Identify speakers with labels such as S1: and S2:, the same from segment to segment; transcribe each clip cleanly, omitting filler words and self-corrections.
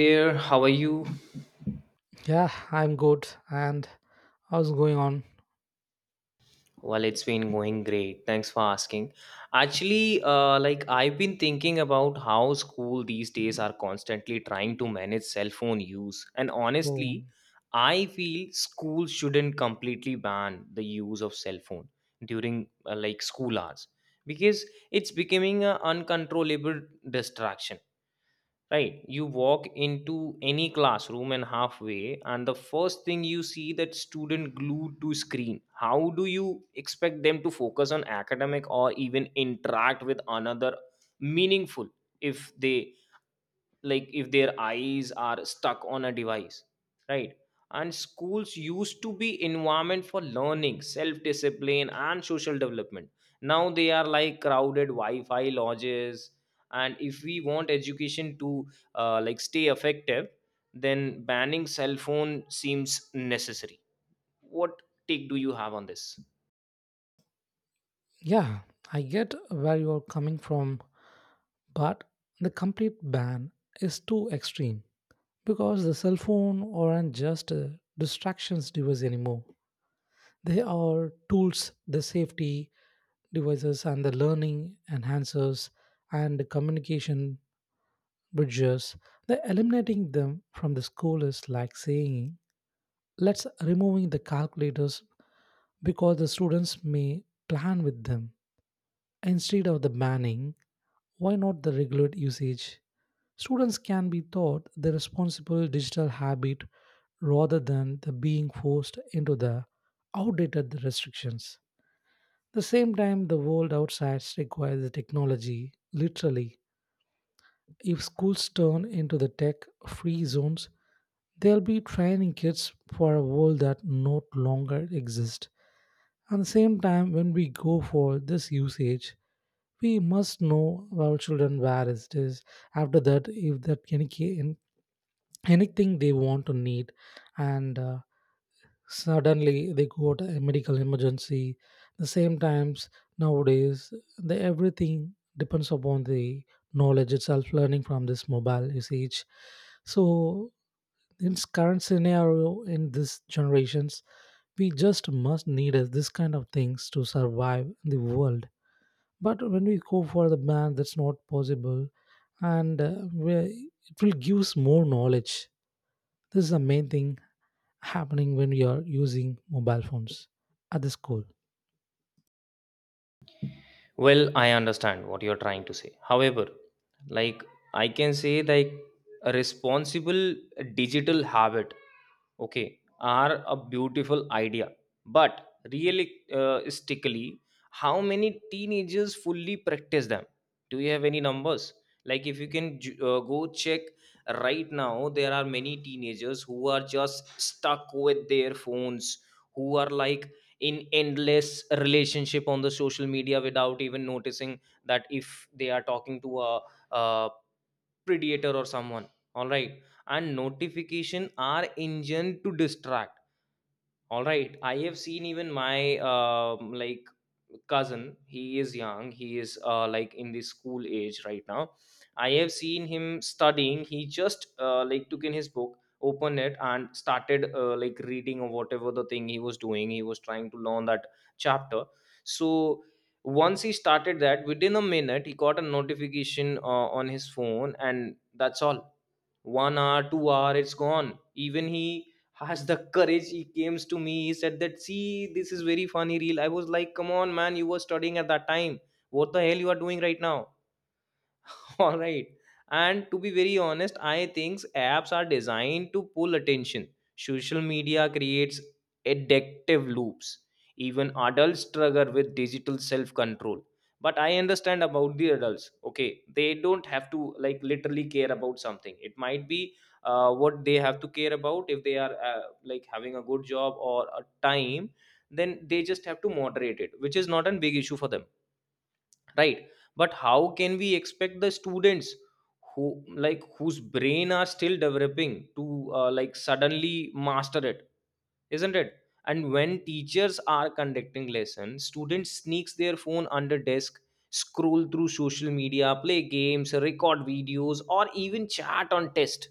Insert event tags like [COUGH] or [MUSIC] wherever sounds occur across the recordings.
S1: There, how are you?
S2: Yeah, I'm good. And how's going on?
S1: Well, it's been going great. Thanks for asking. Actually, like I've been thinking about how school these days are constantly trying to manage cell phone use, and
S2: Oh,
S1: honestly, I feel school shouldn't completely ban the use of cell phone during like school hours because it's becoming an uncontrollable distraction. Right, you walk into any classroom and halfway and the first thing you see that student glued to screen. How do you expect them to focus on academic or even interact with another meaningful if they, like if their eyes are stuck on a device, right? And schools used to be environment for learning, self discipline and social development. Now they are like crowded wi-fi lodges, and if we want education to like stay effective, then banning cell phone seems necessary. What take do you have on this?
S2: yeah, I get where you're coming from, but the complete ban is too extreme because the cell phone aren't just a distractions device anymore. They are tools, the safety devices, and the learning enhancers and the communication bridges. The eliminating them from the school is like saying, let's removing the calculators because the students may plan with them. Instead of the banning, why not the regular usage? Students can be taught the responsible digital habit rather than the being forced into the outdated restrictions. The same time, the world outside requires the technology, literally. If schools turn into the tech free zones, they'll be training kids for a world that no longer exists. At the same time, when we go for this usage, we must know our children where it is after that if that anything they want to need, and suddenly they go to a medical emergency. The same times nowadays, the everything depends upon the knowledge itself learning from this mobile usage. So in current scenario in this generations, we just must need this kind of things to survive the world. But when we go for the band, that's not possible. And it will gives more knowledge. This is the main thing happening when we are using mobile phones at the school.
S1: Well, I understand what you're trying to say. However, like I can say like a responsible digital habit, okay, are a beautiful idea. But realistically, how many teenagers fully practice them? Do you have any numbers? Like if you can go check right now, there are many teenagers who are just stuck with their phones, who are like in endless relationship on the social media without even noticing that if they are talking to a predator or someone, all right. And notification are engine to distract, all right. I have seen even my like cousin. He is young. He is like in the school age right now. I have seen him studying. He just like took in his book, opened it, and started like reading or whatever the thing he was doing. He was trying to learn that chapter. So once he started that, within a minute, he got a notification on his phone, and that's all. 1 hour, 2 hour, it's gone. Even he has the courage, he came to me, he said that, see, this is very funny reel. I was like, come on man, you were studying at that time. What the hell you are doing right now? [LAUGHS] All right. And to be very honest, I think apps are designed to pull attention. Social media creates addictive loops. Even adults struggle with digital self control. But I understand about the adults, okay. They don't have to, like literally care about something. It might be what they have to care about. If they are like having a good job or a time, then they just have to moderate it, which is not a big issue for them, right? But how can we expect the students who, like whose brain are still developing to like suddenly master it? Isn't it? And when teachers are conducting lessons, students sneaks their phone under desk, scroll through social media, play games, record videos, or even chat on test,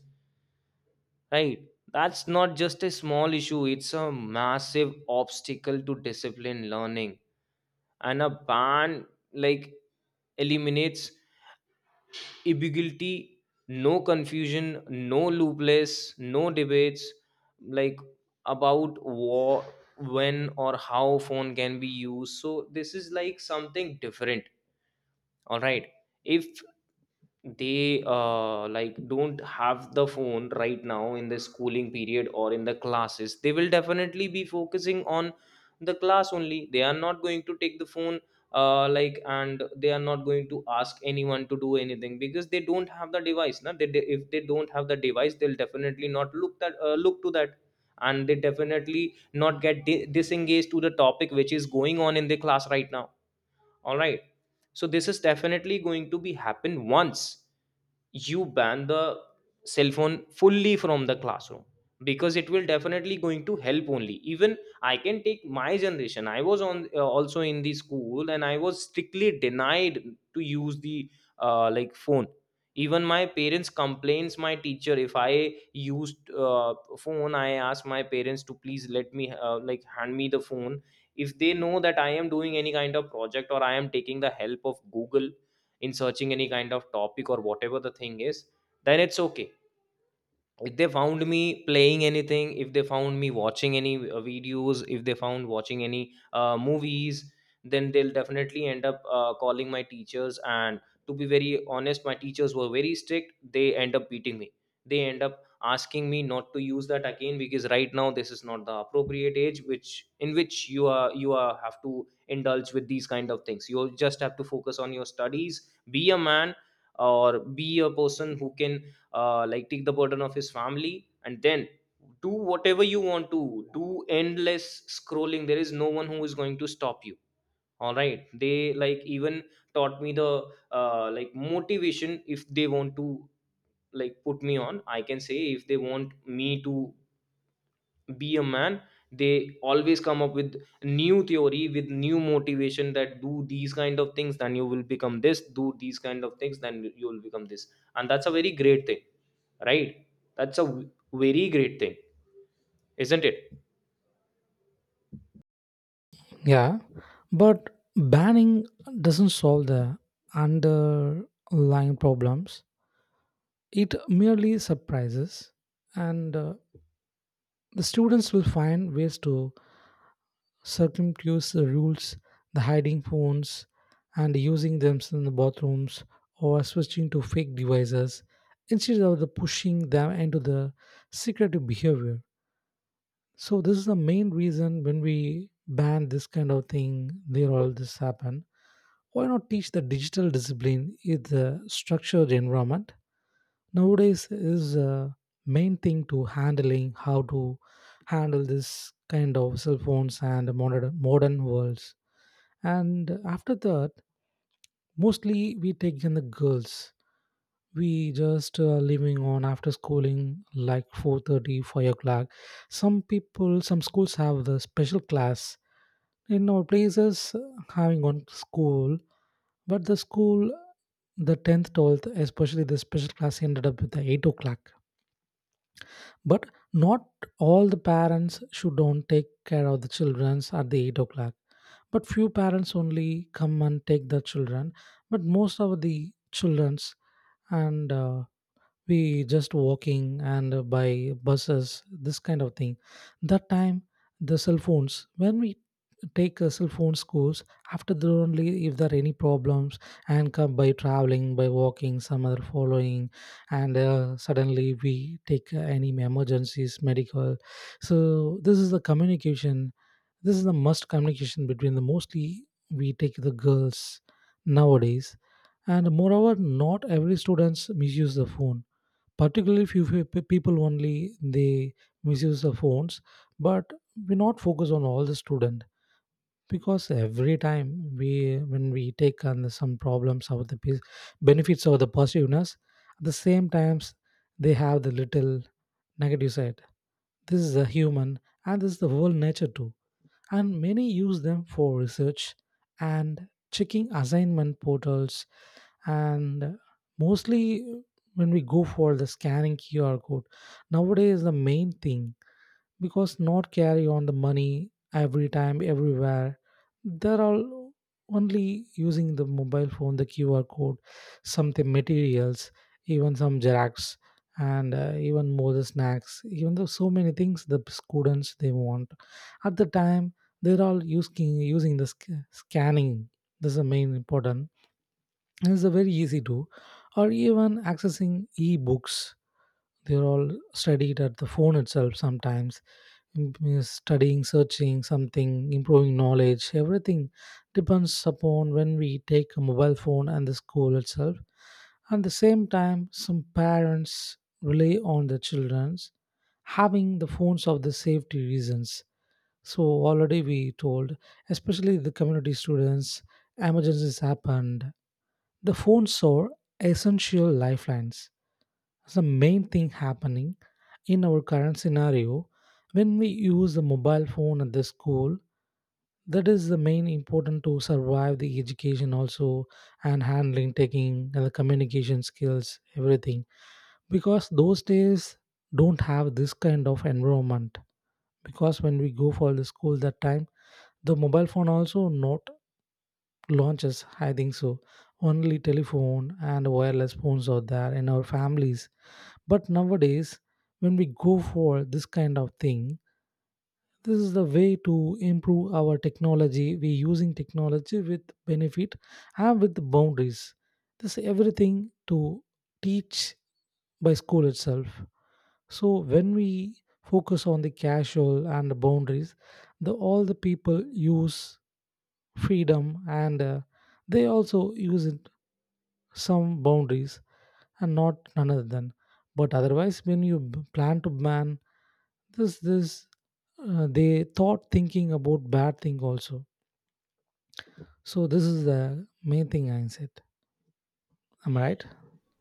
S1: right? That's not just a small issue, it's a massive obstacle to discipline learning. And a ban, like, eliminates ambiguity. No confusion, no loopless, no debates, like about war, when or how phone can be used. So this is like something different, all right. If they like don't have the phone right now in the schooling period or in the classes, they will definitely be focusing on the class only. They are not going to take the phone like, and they are not going to ask anyone to do anything because they don't have the device. Na? They, if they don't have the device, they'll definitely not look that, look to that, and they definitely not get disengaged to the topic which is going on in the class right now. All right. So this is definitely going to be happen once you ban the cell phone fully from the classroom, because it will definitely going to help only. Even I can take my generation. I was on also in the school, and I was strictly denied to use the like phone. Even my parents complains my teacher if I used phone. I ask my parents to please let me like hand me the phone if they know that I am doing any kind of project or I am taking the help of Google in searching any kind of topic or whatever the thing is, then it's okay. If they found me playing anything, if they found me watching any videos, if they found watching any movies, then they'll definitely end up calling my teachers. And to be very honest, my teachers were very strict. They end up beating me. They end up asking me not to use that again, because right now this is not the appropriate age which in which you are have to indulge with these kind of things. You just have to focus on your studies, be a man, or be a person who can like take the burden of his family, and then do whatever you want to do. Endless scrolling, there is no one who is going to stop you, all right. They, like, even taught me the like motivation. If they want to, like put me on, I can say, if they want me to be a man, they always come up with new theory, with new motivation, that do these kind of things then you will become this, do these kind of things then you will become this. And that's a very great thing, right? That's a very great thing, isn't it?
S2: Yeah, but banning doesn't solve the underlying problems. It merely surprises. And uh, the students will find ways to circumvent the rules, the hiding phones and using them in the bathrooms or switching to fake devices instead of the pushing them into the secretive behavior. So this is the main reason when we ban this kind of thing, there all this happen. Why not teach the digital discipline in the structured environment? Nowadays is a main thing to handling how to handle this kind of cell phones and modern worlds. And after that, mostly we take in the girls we just living on after schooling like four thirty, five o'clock. Some people, some schools have the special class in our places having on school, but the school, the 10th, 12th, especially the special class ended up with the 8 o'clock. But not all the parents should don't take care of the childrens at the 8 o'clock. But few parents only come and take the children. But most of the childrens, and we just walking and by buses, this kind of thing. That time, the cell phones, when we take a cell phone scores after that only if there are any problems and come by traveling by walking some other following, and suddenly we take any emergencies medical. So this is the communication, this is the must communication between the mostly we take the girls nowadays. And moreover, not every students misuse the phone, particularly people only, they misuse the phones. But we not focus on all the student, because every time we when we take on the some problems of the benefits of the positiveness, at the same times, they have the little negative side. This is the human, and this is the whole nature too. And many use them for research and checking assignment portals. And mostly when we go for the scanning QR code nowadays, the main thing, because not carry on the money every time everywhere, they're all only using the mobile phone, the QR code, something materials, even some xerox, and even more the snacks, even though so many things the students they want. At the time, they're all using the scanning. This is the main important, and it's a very easy to, or even accessing e-books. They're all studied at the phone itself sometimes, studying, searching something, improving knowledge. Everything depends upon when we take a mobile phone and the school itself. At the same time, some parents rely on their children's having the phones of the safety reasons. So already we told, especially the community students, emergencies happened, the phones are essential lifelines. That's the main thing happening in our current scenario, when we use the mobile phone at the school, that is the main important to survive the education also, and handling, taking and the communication skills, everything. Because those days don't have this kind of environment. Because when we go for the school that time, the mobile phone also not launches, I think so. Only telephone and wireless phones are there in our families. But nowadays, when we go for this kind of thing, this is the way to improve our technology. We using technology with benefit and with boundaries. This everything to teach by school itself. So when we focus on the casual and the boundaries, the all the people use freedom, and they also use it some boundaries, and not none other than. But otherwise, when you plan to ban this, they thought thinking about bad thing also. So this is the main thing I said. Am I right?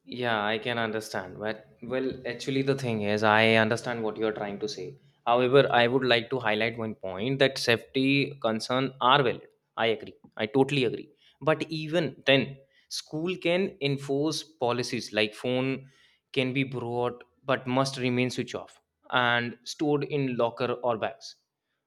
S1: Yeah, I can understand. But well, actually, the thing is, I understand what you're trying to say. However, I would like to highlight one point that safety concern are valid. I agree. I totally agree. But even then, school can enforce policies like phone can be brought but must remain switched off and stored in locker or bags.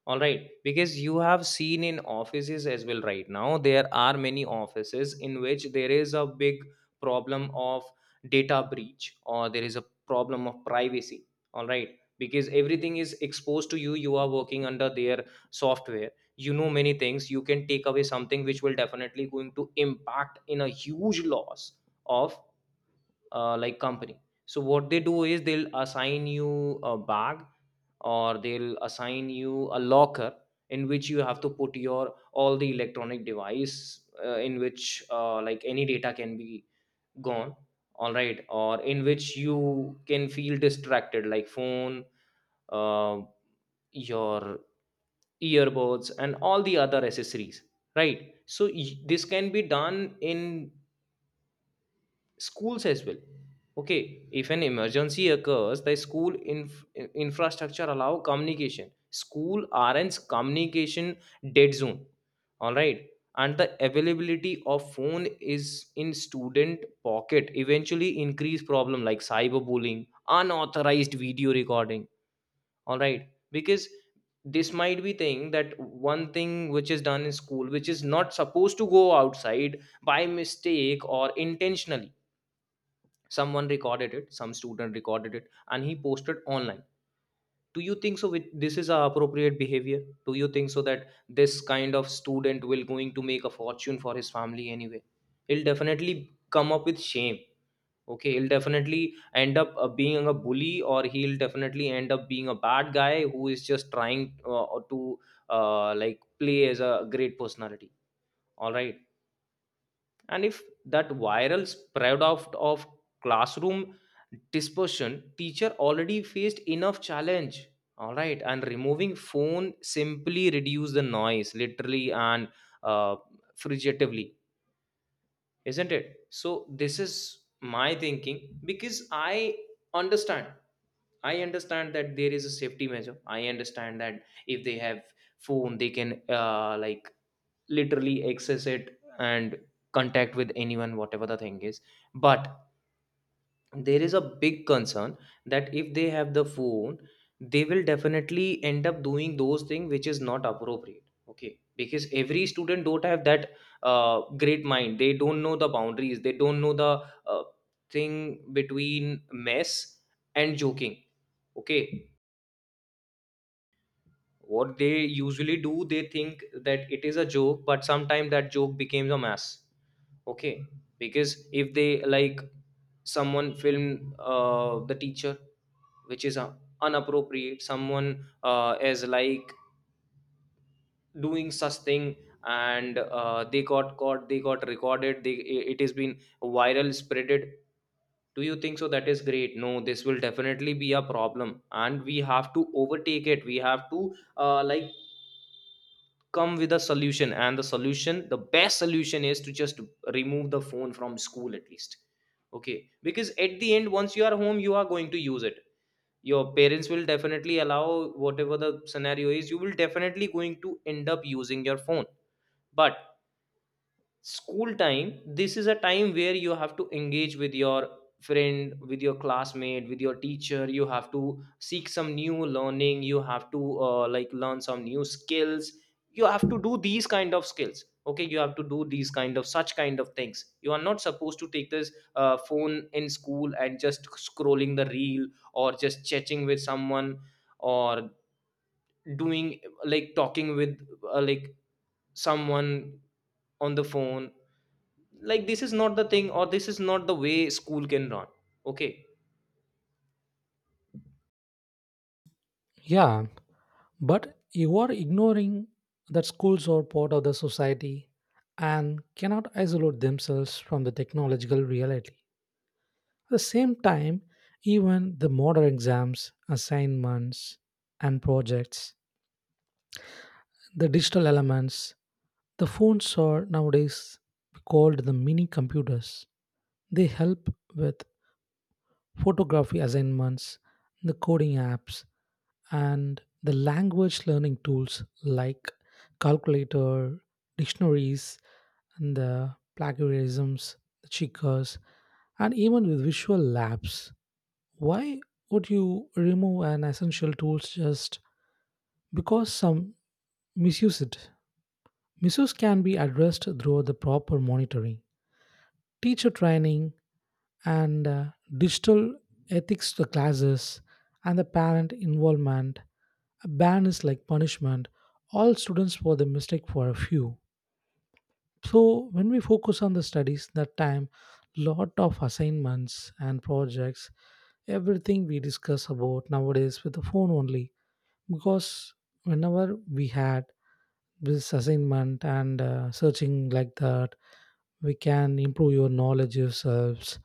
S1: All right, because you have seen in offices as well right now, there are many offices in which there is a big problem of data breach, or there is a problem of privacy, all right, because everything is exposed to you. You are working under their software. You know, many things you can take away something which will definitely going to impact in a huge loss of like company. So what they do is they'll assign you a bag, or they'll assign you a locker in which you have to put your all the electronic device in which like any data can be gone, all right, or in which you can feel distracted, like phone, uh, your earbuds, and all the other accessories, right? So this can be done in schools as well, okay. If an emergency occurs, the school infrastructure allow communication. School rn's communication dead zone, all right. And the availability of phone is in student pocket eventually increase problem like cyberbullying, unauthorized video recording, all right. Because this might be thing that one thing which is done in school which is not supposed to go outside, by mistake or intentionally, someone recorded it, some student recorded it, and he posted online. Do you think so this is a appropriate behavior? Do you think so that this kind of student will going to make a fortune for his family? Anyway, he'll definitely come up with shame, okay. He'll definitely end up being a bully, or he'll definitely end up being a bad guy who is just trying to like play as a great personality, all right. And if that viral spread out of classroom dispersion, teacher already faced enough challenge, all right. And removing phone simply reduce the noise literally, and uh, figuratively, isn't it? So this is my thinking, because understand I understand that there is a safety measure. I understand that if they have phone they can like literally access it and contact with anyone whatever the thing is. But there is a big concern that if they have the phone, they will definitely end up doing those things which is not appropriate, okay, because every student don't have that great mind. They don't know the boundaries. They don't know the thing between mess and joking, okay. What they usually do, they think that it is a joke, but sometimes that joke becomes a mess, okay. Because if they like someone film the teacher, which is unappropriate. Someone is like doing such thing, and they got caught, they got recorded, they, it has been viral spreaded. Do you think so that is great? No, this will definitely be a problem, and we have to overtake it. We have to like come with a solution, and the solution, the best solution is to just remove the phone from school at least, okay, because at the end once you are home you are going to use it. Your parents will definitely allow whatever the scenario is, you will definitely going to end up using your phone. But school time, this is a time where you have to engage with your friend, with your classmate, with your teacher. You have to seek some new learning, you have to like learn some new skills. You have to do these kind of skills. Okay, you have to do these kind of such kind of things. You are not supposed to take this phone in school and just scrolling the reel, or just chatting with someone, or doing, like talking with like someone on the phone. Like, this is not the thing, or this is not the way school can run. Okay.
S2: Yeah, but you are ignoring that schools are part of the society and cannot isolate themselves from the technological reality. At the same time, even the modern exams, assignments, and projects, the digital elements. The phones are nowadays called the mini computers. They help with photography assignments, the coding apps, and the language learning tools like calculator, dictionaries, and the plagiarisms, the checkers, and even with visual labs. Why would you remove an essential tool just because some misuse it? Misuse can be addressed through the proper monitoring, teacher training, and digital ethics to classes, and the parent involvement. A ban is like punishment all students for the mistake for a few. So when we focus on the studies that time, lot of assignments and projects, everything we discuss about nowadays with the phone only. Because whenever we had this assignment and searching like that, we can improve your knowledge yourselves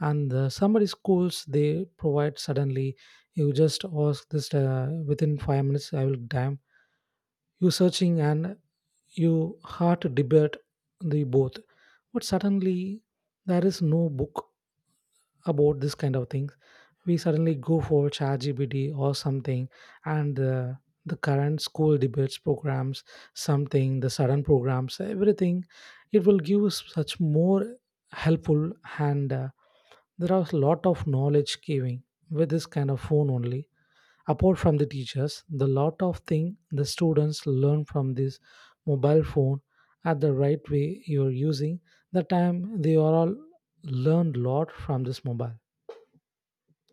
S2: and the summary schools they provide suddenly. You just ask this within 5 minutes, I will damn you searching, and you hard debate the both. But suddenly, there is no book about this kind of thing, we suddenly go for ChatGPT or something, and the current school debates programs, something, the sudden programs, everything, it will give us such more helpful. And uh, there are a lot of knowledge giving with this kind of phone only. Apart from the teachers, the lot of thing the students learn from this mobile phone. At the right way you're using, the time they are all learn lot from this mobile.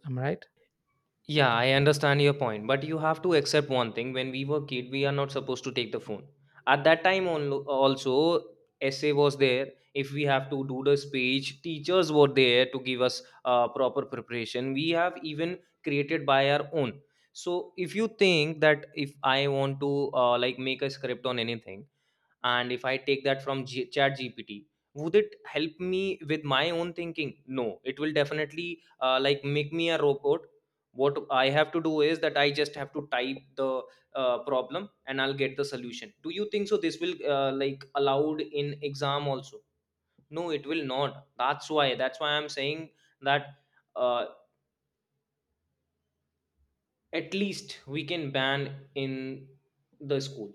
S2: Am I right?
S1: Yeah, I understand your point, but you have to accept one thing. When we were kid, we are not supposed to take the phone. At that time also essay was there. If we have to do the speech, teachers were there to give us proper preparation. We have even created by our own. So if you think that if I want to like make a script on anything, and if I take that from chat gpt, would it help me with my own thinking? No, it will definitely like make me a robot. What I have to do is that I just have to type the problem, and I'll get the solution. Do you think so this will like allowed in exam also? No, it will not. That's why I'm saying that, uh, at least we can ban in the school.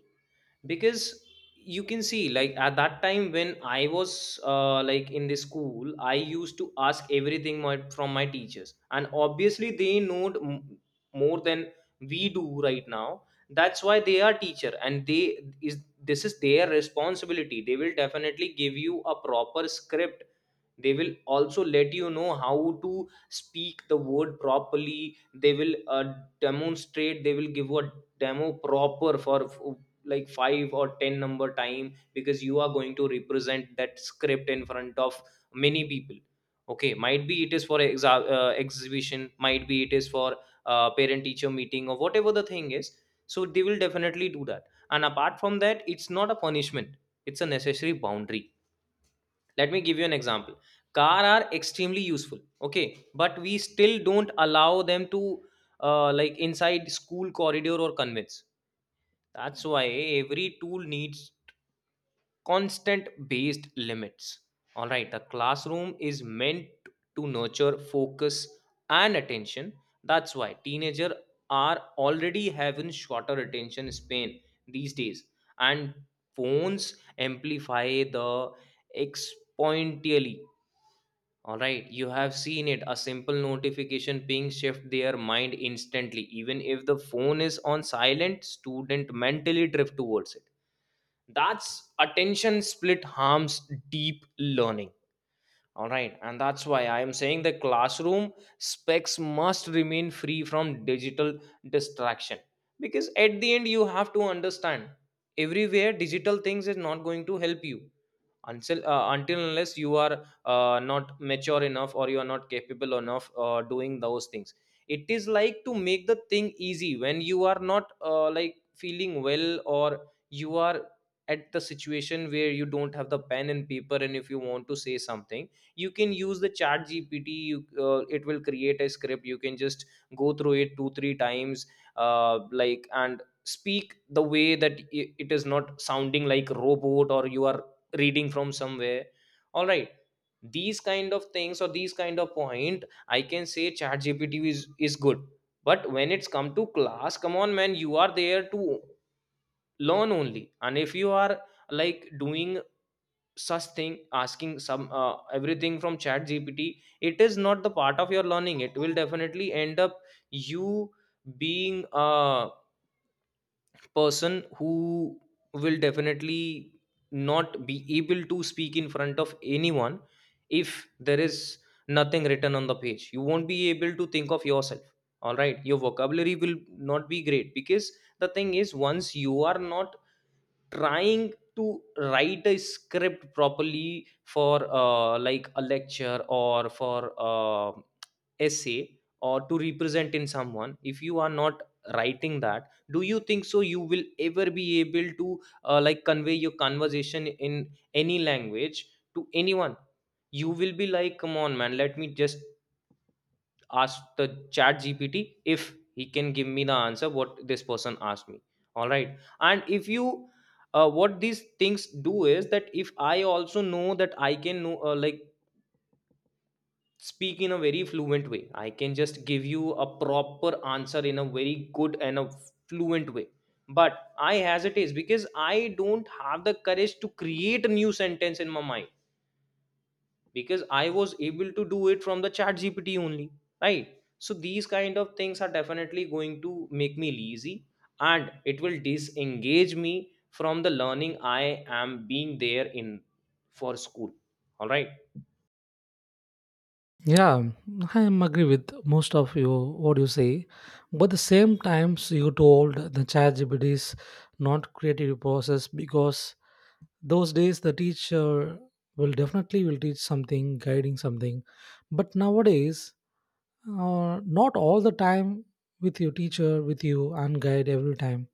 S1: Because you can see like at that time when I was like in the school, I used to ask everything from my teachers, and obviously they know more than we do right now. That's why they are teacher, and they is this is their responsibility. They will definitely give you a proper script, they will also let you know how to speak the word properly. They will demonstrate, they will give a demo proper for like 5 or 10 number time, because you are going to represent that script in front of many people. Okay, might be it is for exhibition, might be it is for parent teacher meeting, or whatever the thing is. So they will definitely do that. And apart from that, it's not a punishment, it's a necessary boundary. Let me give you an example. Car are extremely useful, okay, but we still don't allow them to like inside school corridor or convince. That's why every tool needs constant based limits. All right, the classroom is meant to nurture focus and attention. That's why teenagers are already having shorter attention span these days, and phones amplify the exponentially. All right, you have seen it. A simple notification ping shift their mind instantly. Even if the phone is on silent, student mentally drift towards it. That's attention split harms deep learning. All right, and that's why I am saying the classroom specs must remain free from digital distraction. Because at the end you have to understand, everywhere digital things is not going to help you until unless you are not mature enough, or you are not capable enough doing those things. It is like to make the thing easy when you are not like feeling well, or you are at the situation where you don't have the pen and paper, and if you want to say something, you can use the chat gpt. You it will create a script, you can just go through it 2, 3 times like, and speak the way that it is not sounding like robot or you are reading from somewhere. All right, these kind of things or these kind of point, I can say chat gpt is good. But when it's come to class, come on man, you are there to learn only. And if you are like doing such thing, asking some everything from chat gpt, it is not the part of your learning. It will definitely end up you being a person who will definitely not be able to speak in front of anyone. If there is nothing written on the page, you won't be able to think of yourself. All right, your vocabulary will not be great. Because the thing is, once you are not trying to write a script properly for like a lecture, or for essay, or to represent in someone, if you are not writing that, do you think so you will ever be able to like convey your conversation in any language to anyone? You will be like, come on man, let me just ask the chat gpt if he can give me the answer what this person asked me. All right, and if you what these things do is that if I also know that I can know like speak in a very fluent way, I can just give you a proper answer in a very good and a fluent way. But I hesitate because I don't have the courage to create a new sentence in my mind, because I was able to do it from the chat gpt only. Right, so these kind of things are definitely going to make me lazy, and it will disengage me from the learning I am being there in for school. All right.
S2: Yeah, I am agree with most of you what you say, but the same times you told the ChatGPT is not creative process. Because those days the teacher will definitely will teach something, guiding something, but nowadays, not all the time with your teacher with you and guide every time.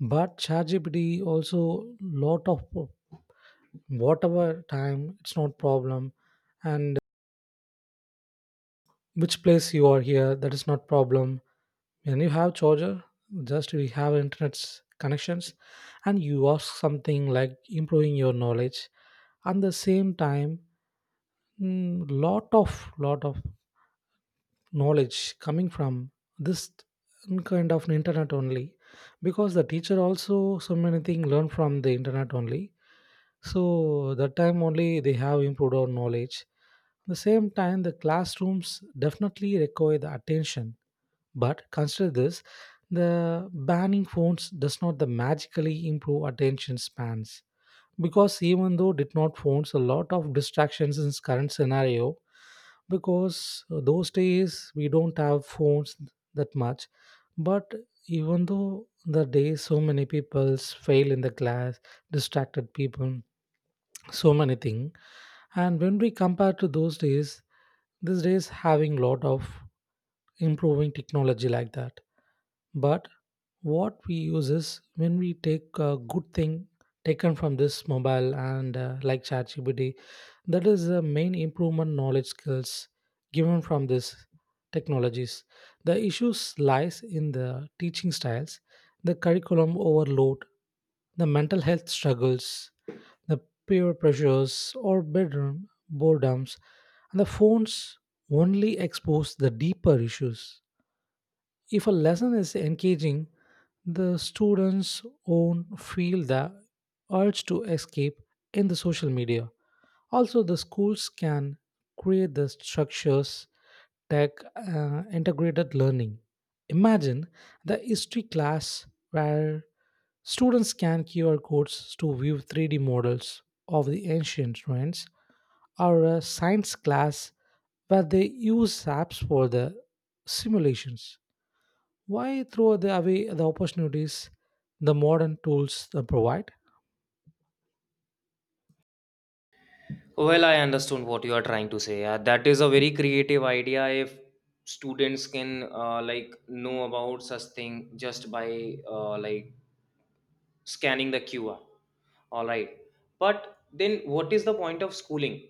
S2: But ChatGPT also lot of whatever time it's not problem, and which place you are here that is not problem, when you have charger, just we have internet's connections, and you ask something like improving your knowledge. And the same time, mm, lot of lot of knowledge coming from this kind of internet only, because the teacher also so many things learn from the internet only. So that time only they have improved our knowledge. At the same time, the classrooms definitely require the attention, but consider this: the banning phones does not the magically improve attention spans. Because even though did not phones, a lot of distractions in this current scenario, because those days we don't have phones that much. But even though the day, so many people's fail in the class, distracted people, so many things. And when we compare to those days, these days having lot of improving technology like that. But what we use is when we take a good thing taken from this mobile and like ChatGPT, that is the main improvement knowledge skills given from this technologies. The issues lies in the teaching styles, the curriculum overload, the mental health struggles, the peer pressures, or bedroom boredoms, and the phones only expose the deeper issues. If a lesson is engaging, the students own feel the urge to escape in the social media. Also, the schools can create the structures tech integrated learning. Imagine the history class where students scan QR codes to view 3D models of the ancient ruins, or a science class where they use apps for the simulations. Why throw the away the opportunities the modern tools they provide?
S1: Well, I understood what you are trying to say. Yeah, that is a very creative idea. If students can like know about such thing just by like scanning the QR. All right, but then what is the point of schooling?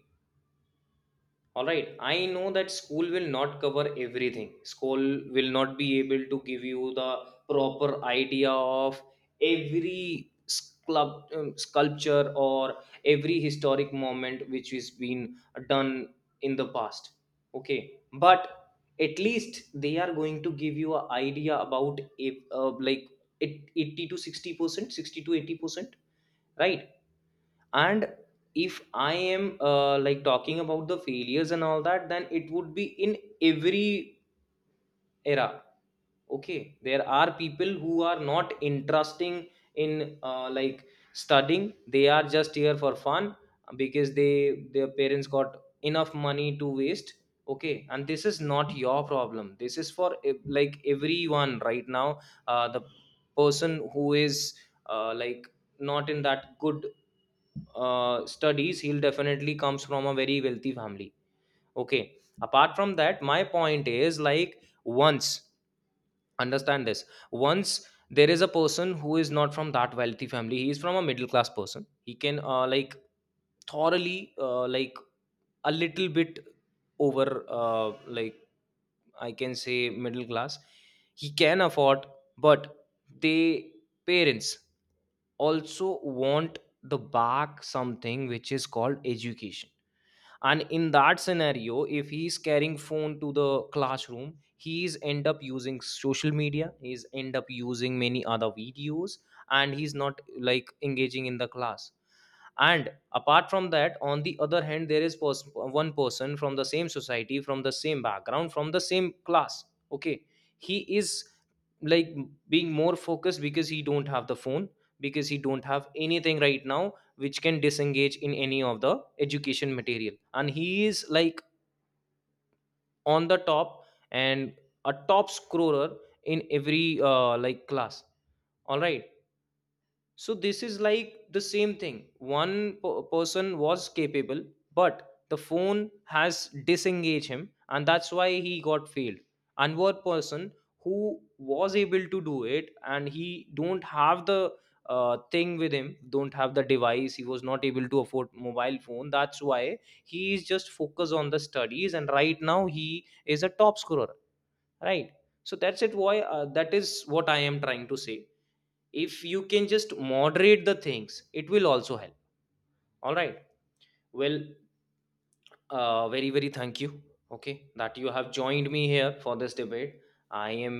S1: All right, I know that school will not cover everything. School will not be able to give you the proper idea of every sculpture or every historic moment which has been done in the past. Okay, but at least they are going to give you an idea about if like it 80 to 60%, 60 to 80%, right? And if I am like talking about the failures and all that, then it would be in every era. Okay, there are people who are not interesting in like studying, they are just here for fun, because they their parents got enough money to waste. Okay, and this is not your problem, this is for like everyone right now. The person who is like not in that good studies, he'll definitely comes from a very wealthy family. Okay, apart from that, my point is like, once understand this. Once there is a person who is not from that wealthy family, he is from a middle class person, he can like thoroughly like a little bit over like I can say middle class, he can afford. But they parents also want the back something which is called education. And in that scenario, if he's carrying phone to the classroom, he's end up using social media, he's end up using many other videos, and he's not like engaging in the class. And apart from that, on the other hand, there is one person from the same society, from the same background, from the same class. Okay, he is like being more focused, because he don't have the phone, because he don't have anything right now which can disengage in any of the education material, and he is like on the top, and a top scorer in every like class. All right, so this is like the same thing. One person was capable, but the phone has disengaged him, and that's why he got failed. And one person who was able to do it, and he don't have the thing with him, don't have the device. He was not able to afford mobile phone. That's why he is just focused on the studies, and right now he is a top scorer. Right. So that's it. Why that is what I am trying to say, if you can just moderate the things it will also help. All right. Well, very very thank you, okay, that you have joined me here for this debate. I am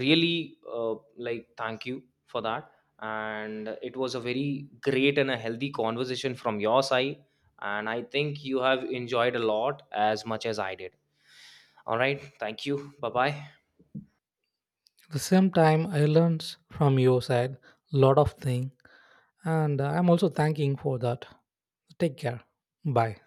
S1: really like thank you for that. And it was a very great and a healthy conversation from your side, and I think you have enjoyed a lot as much as I did. All right, thank you, bye bye.
S2: At the same time, I learned from your side lot of thing. And I'm also thanking for that. Take care. Bye.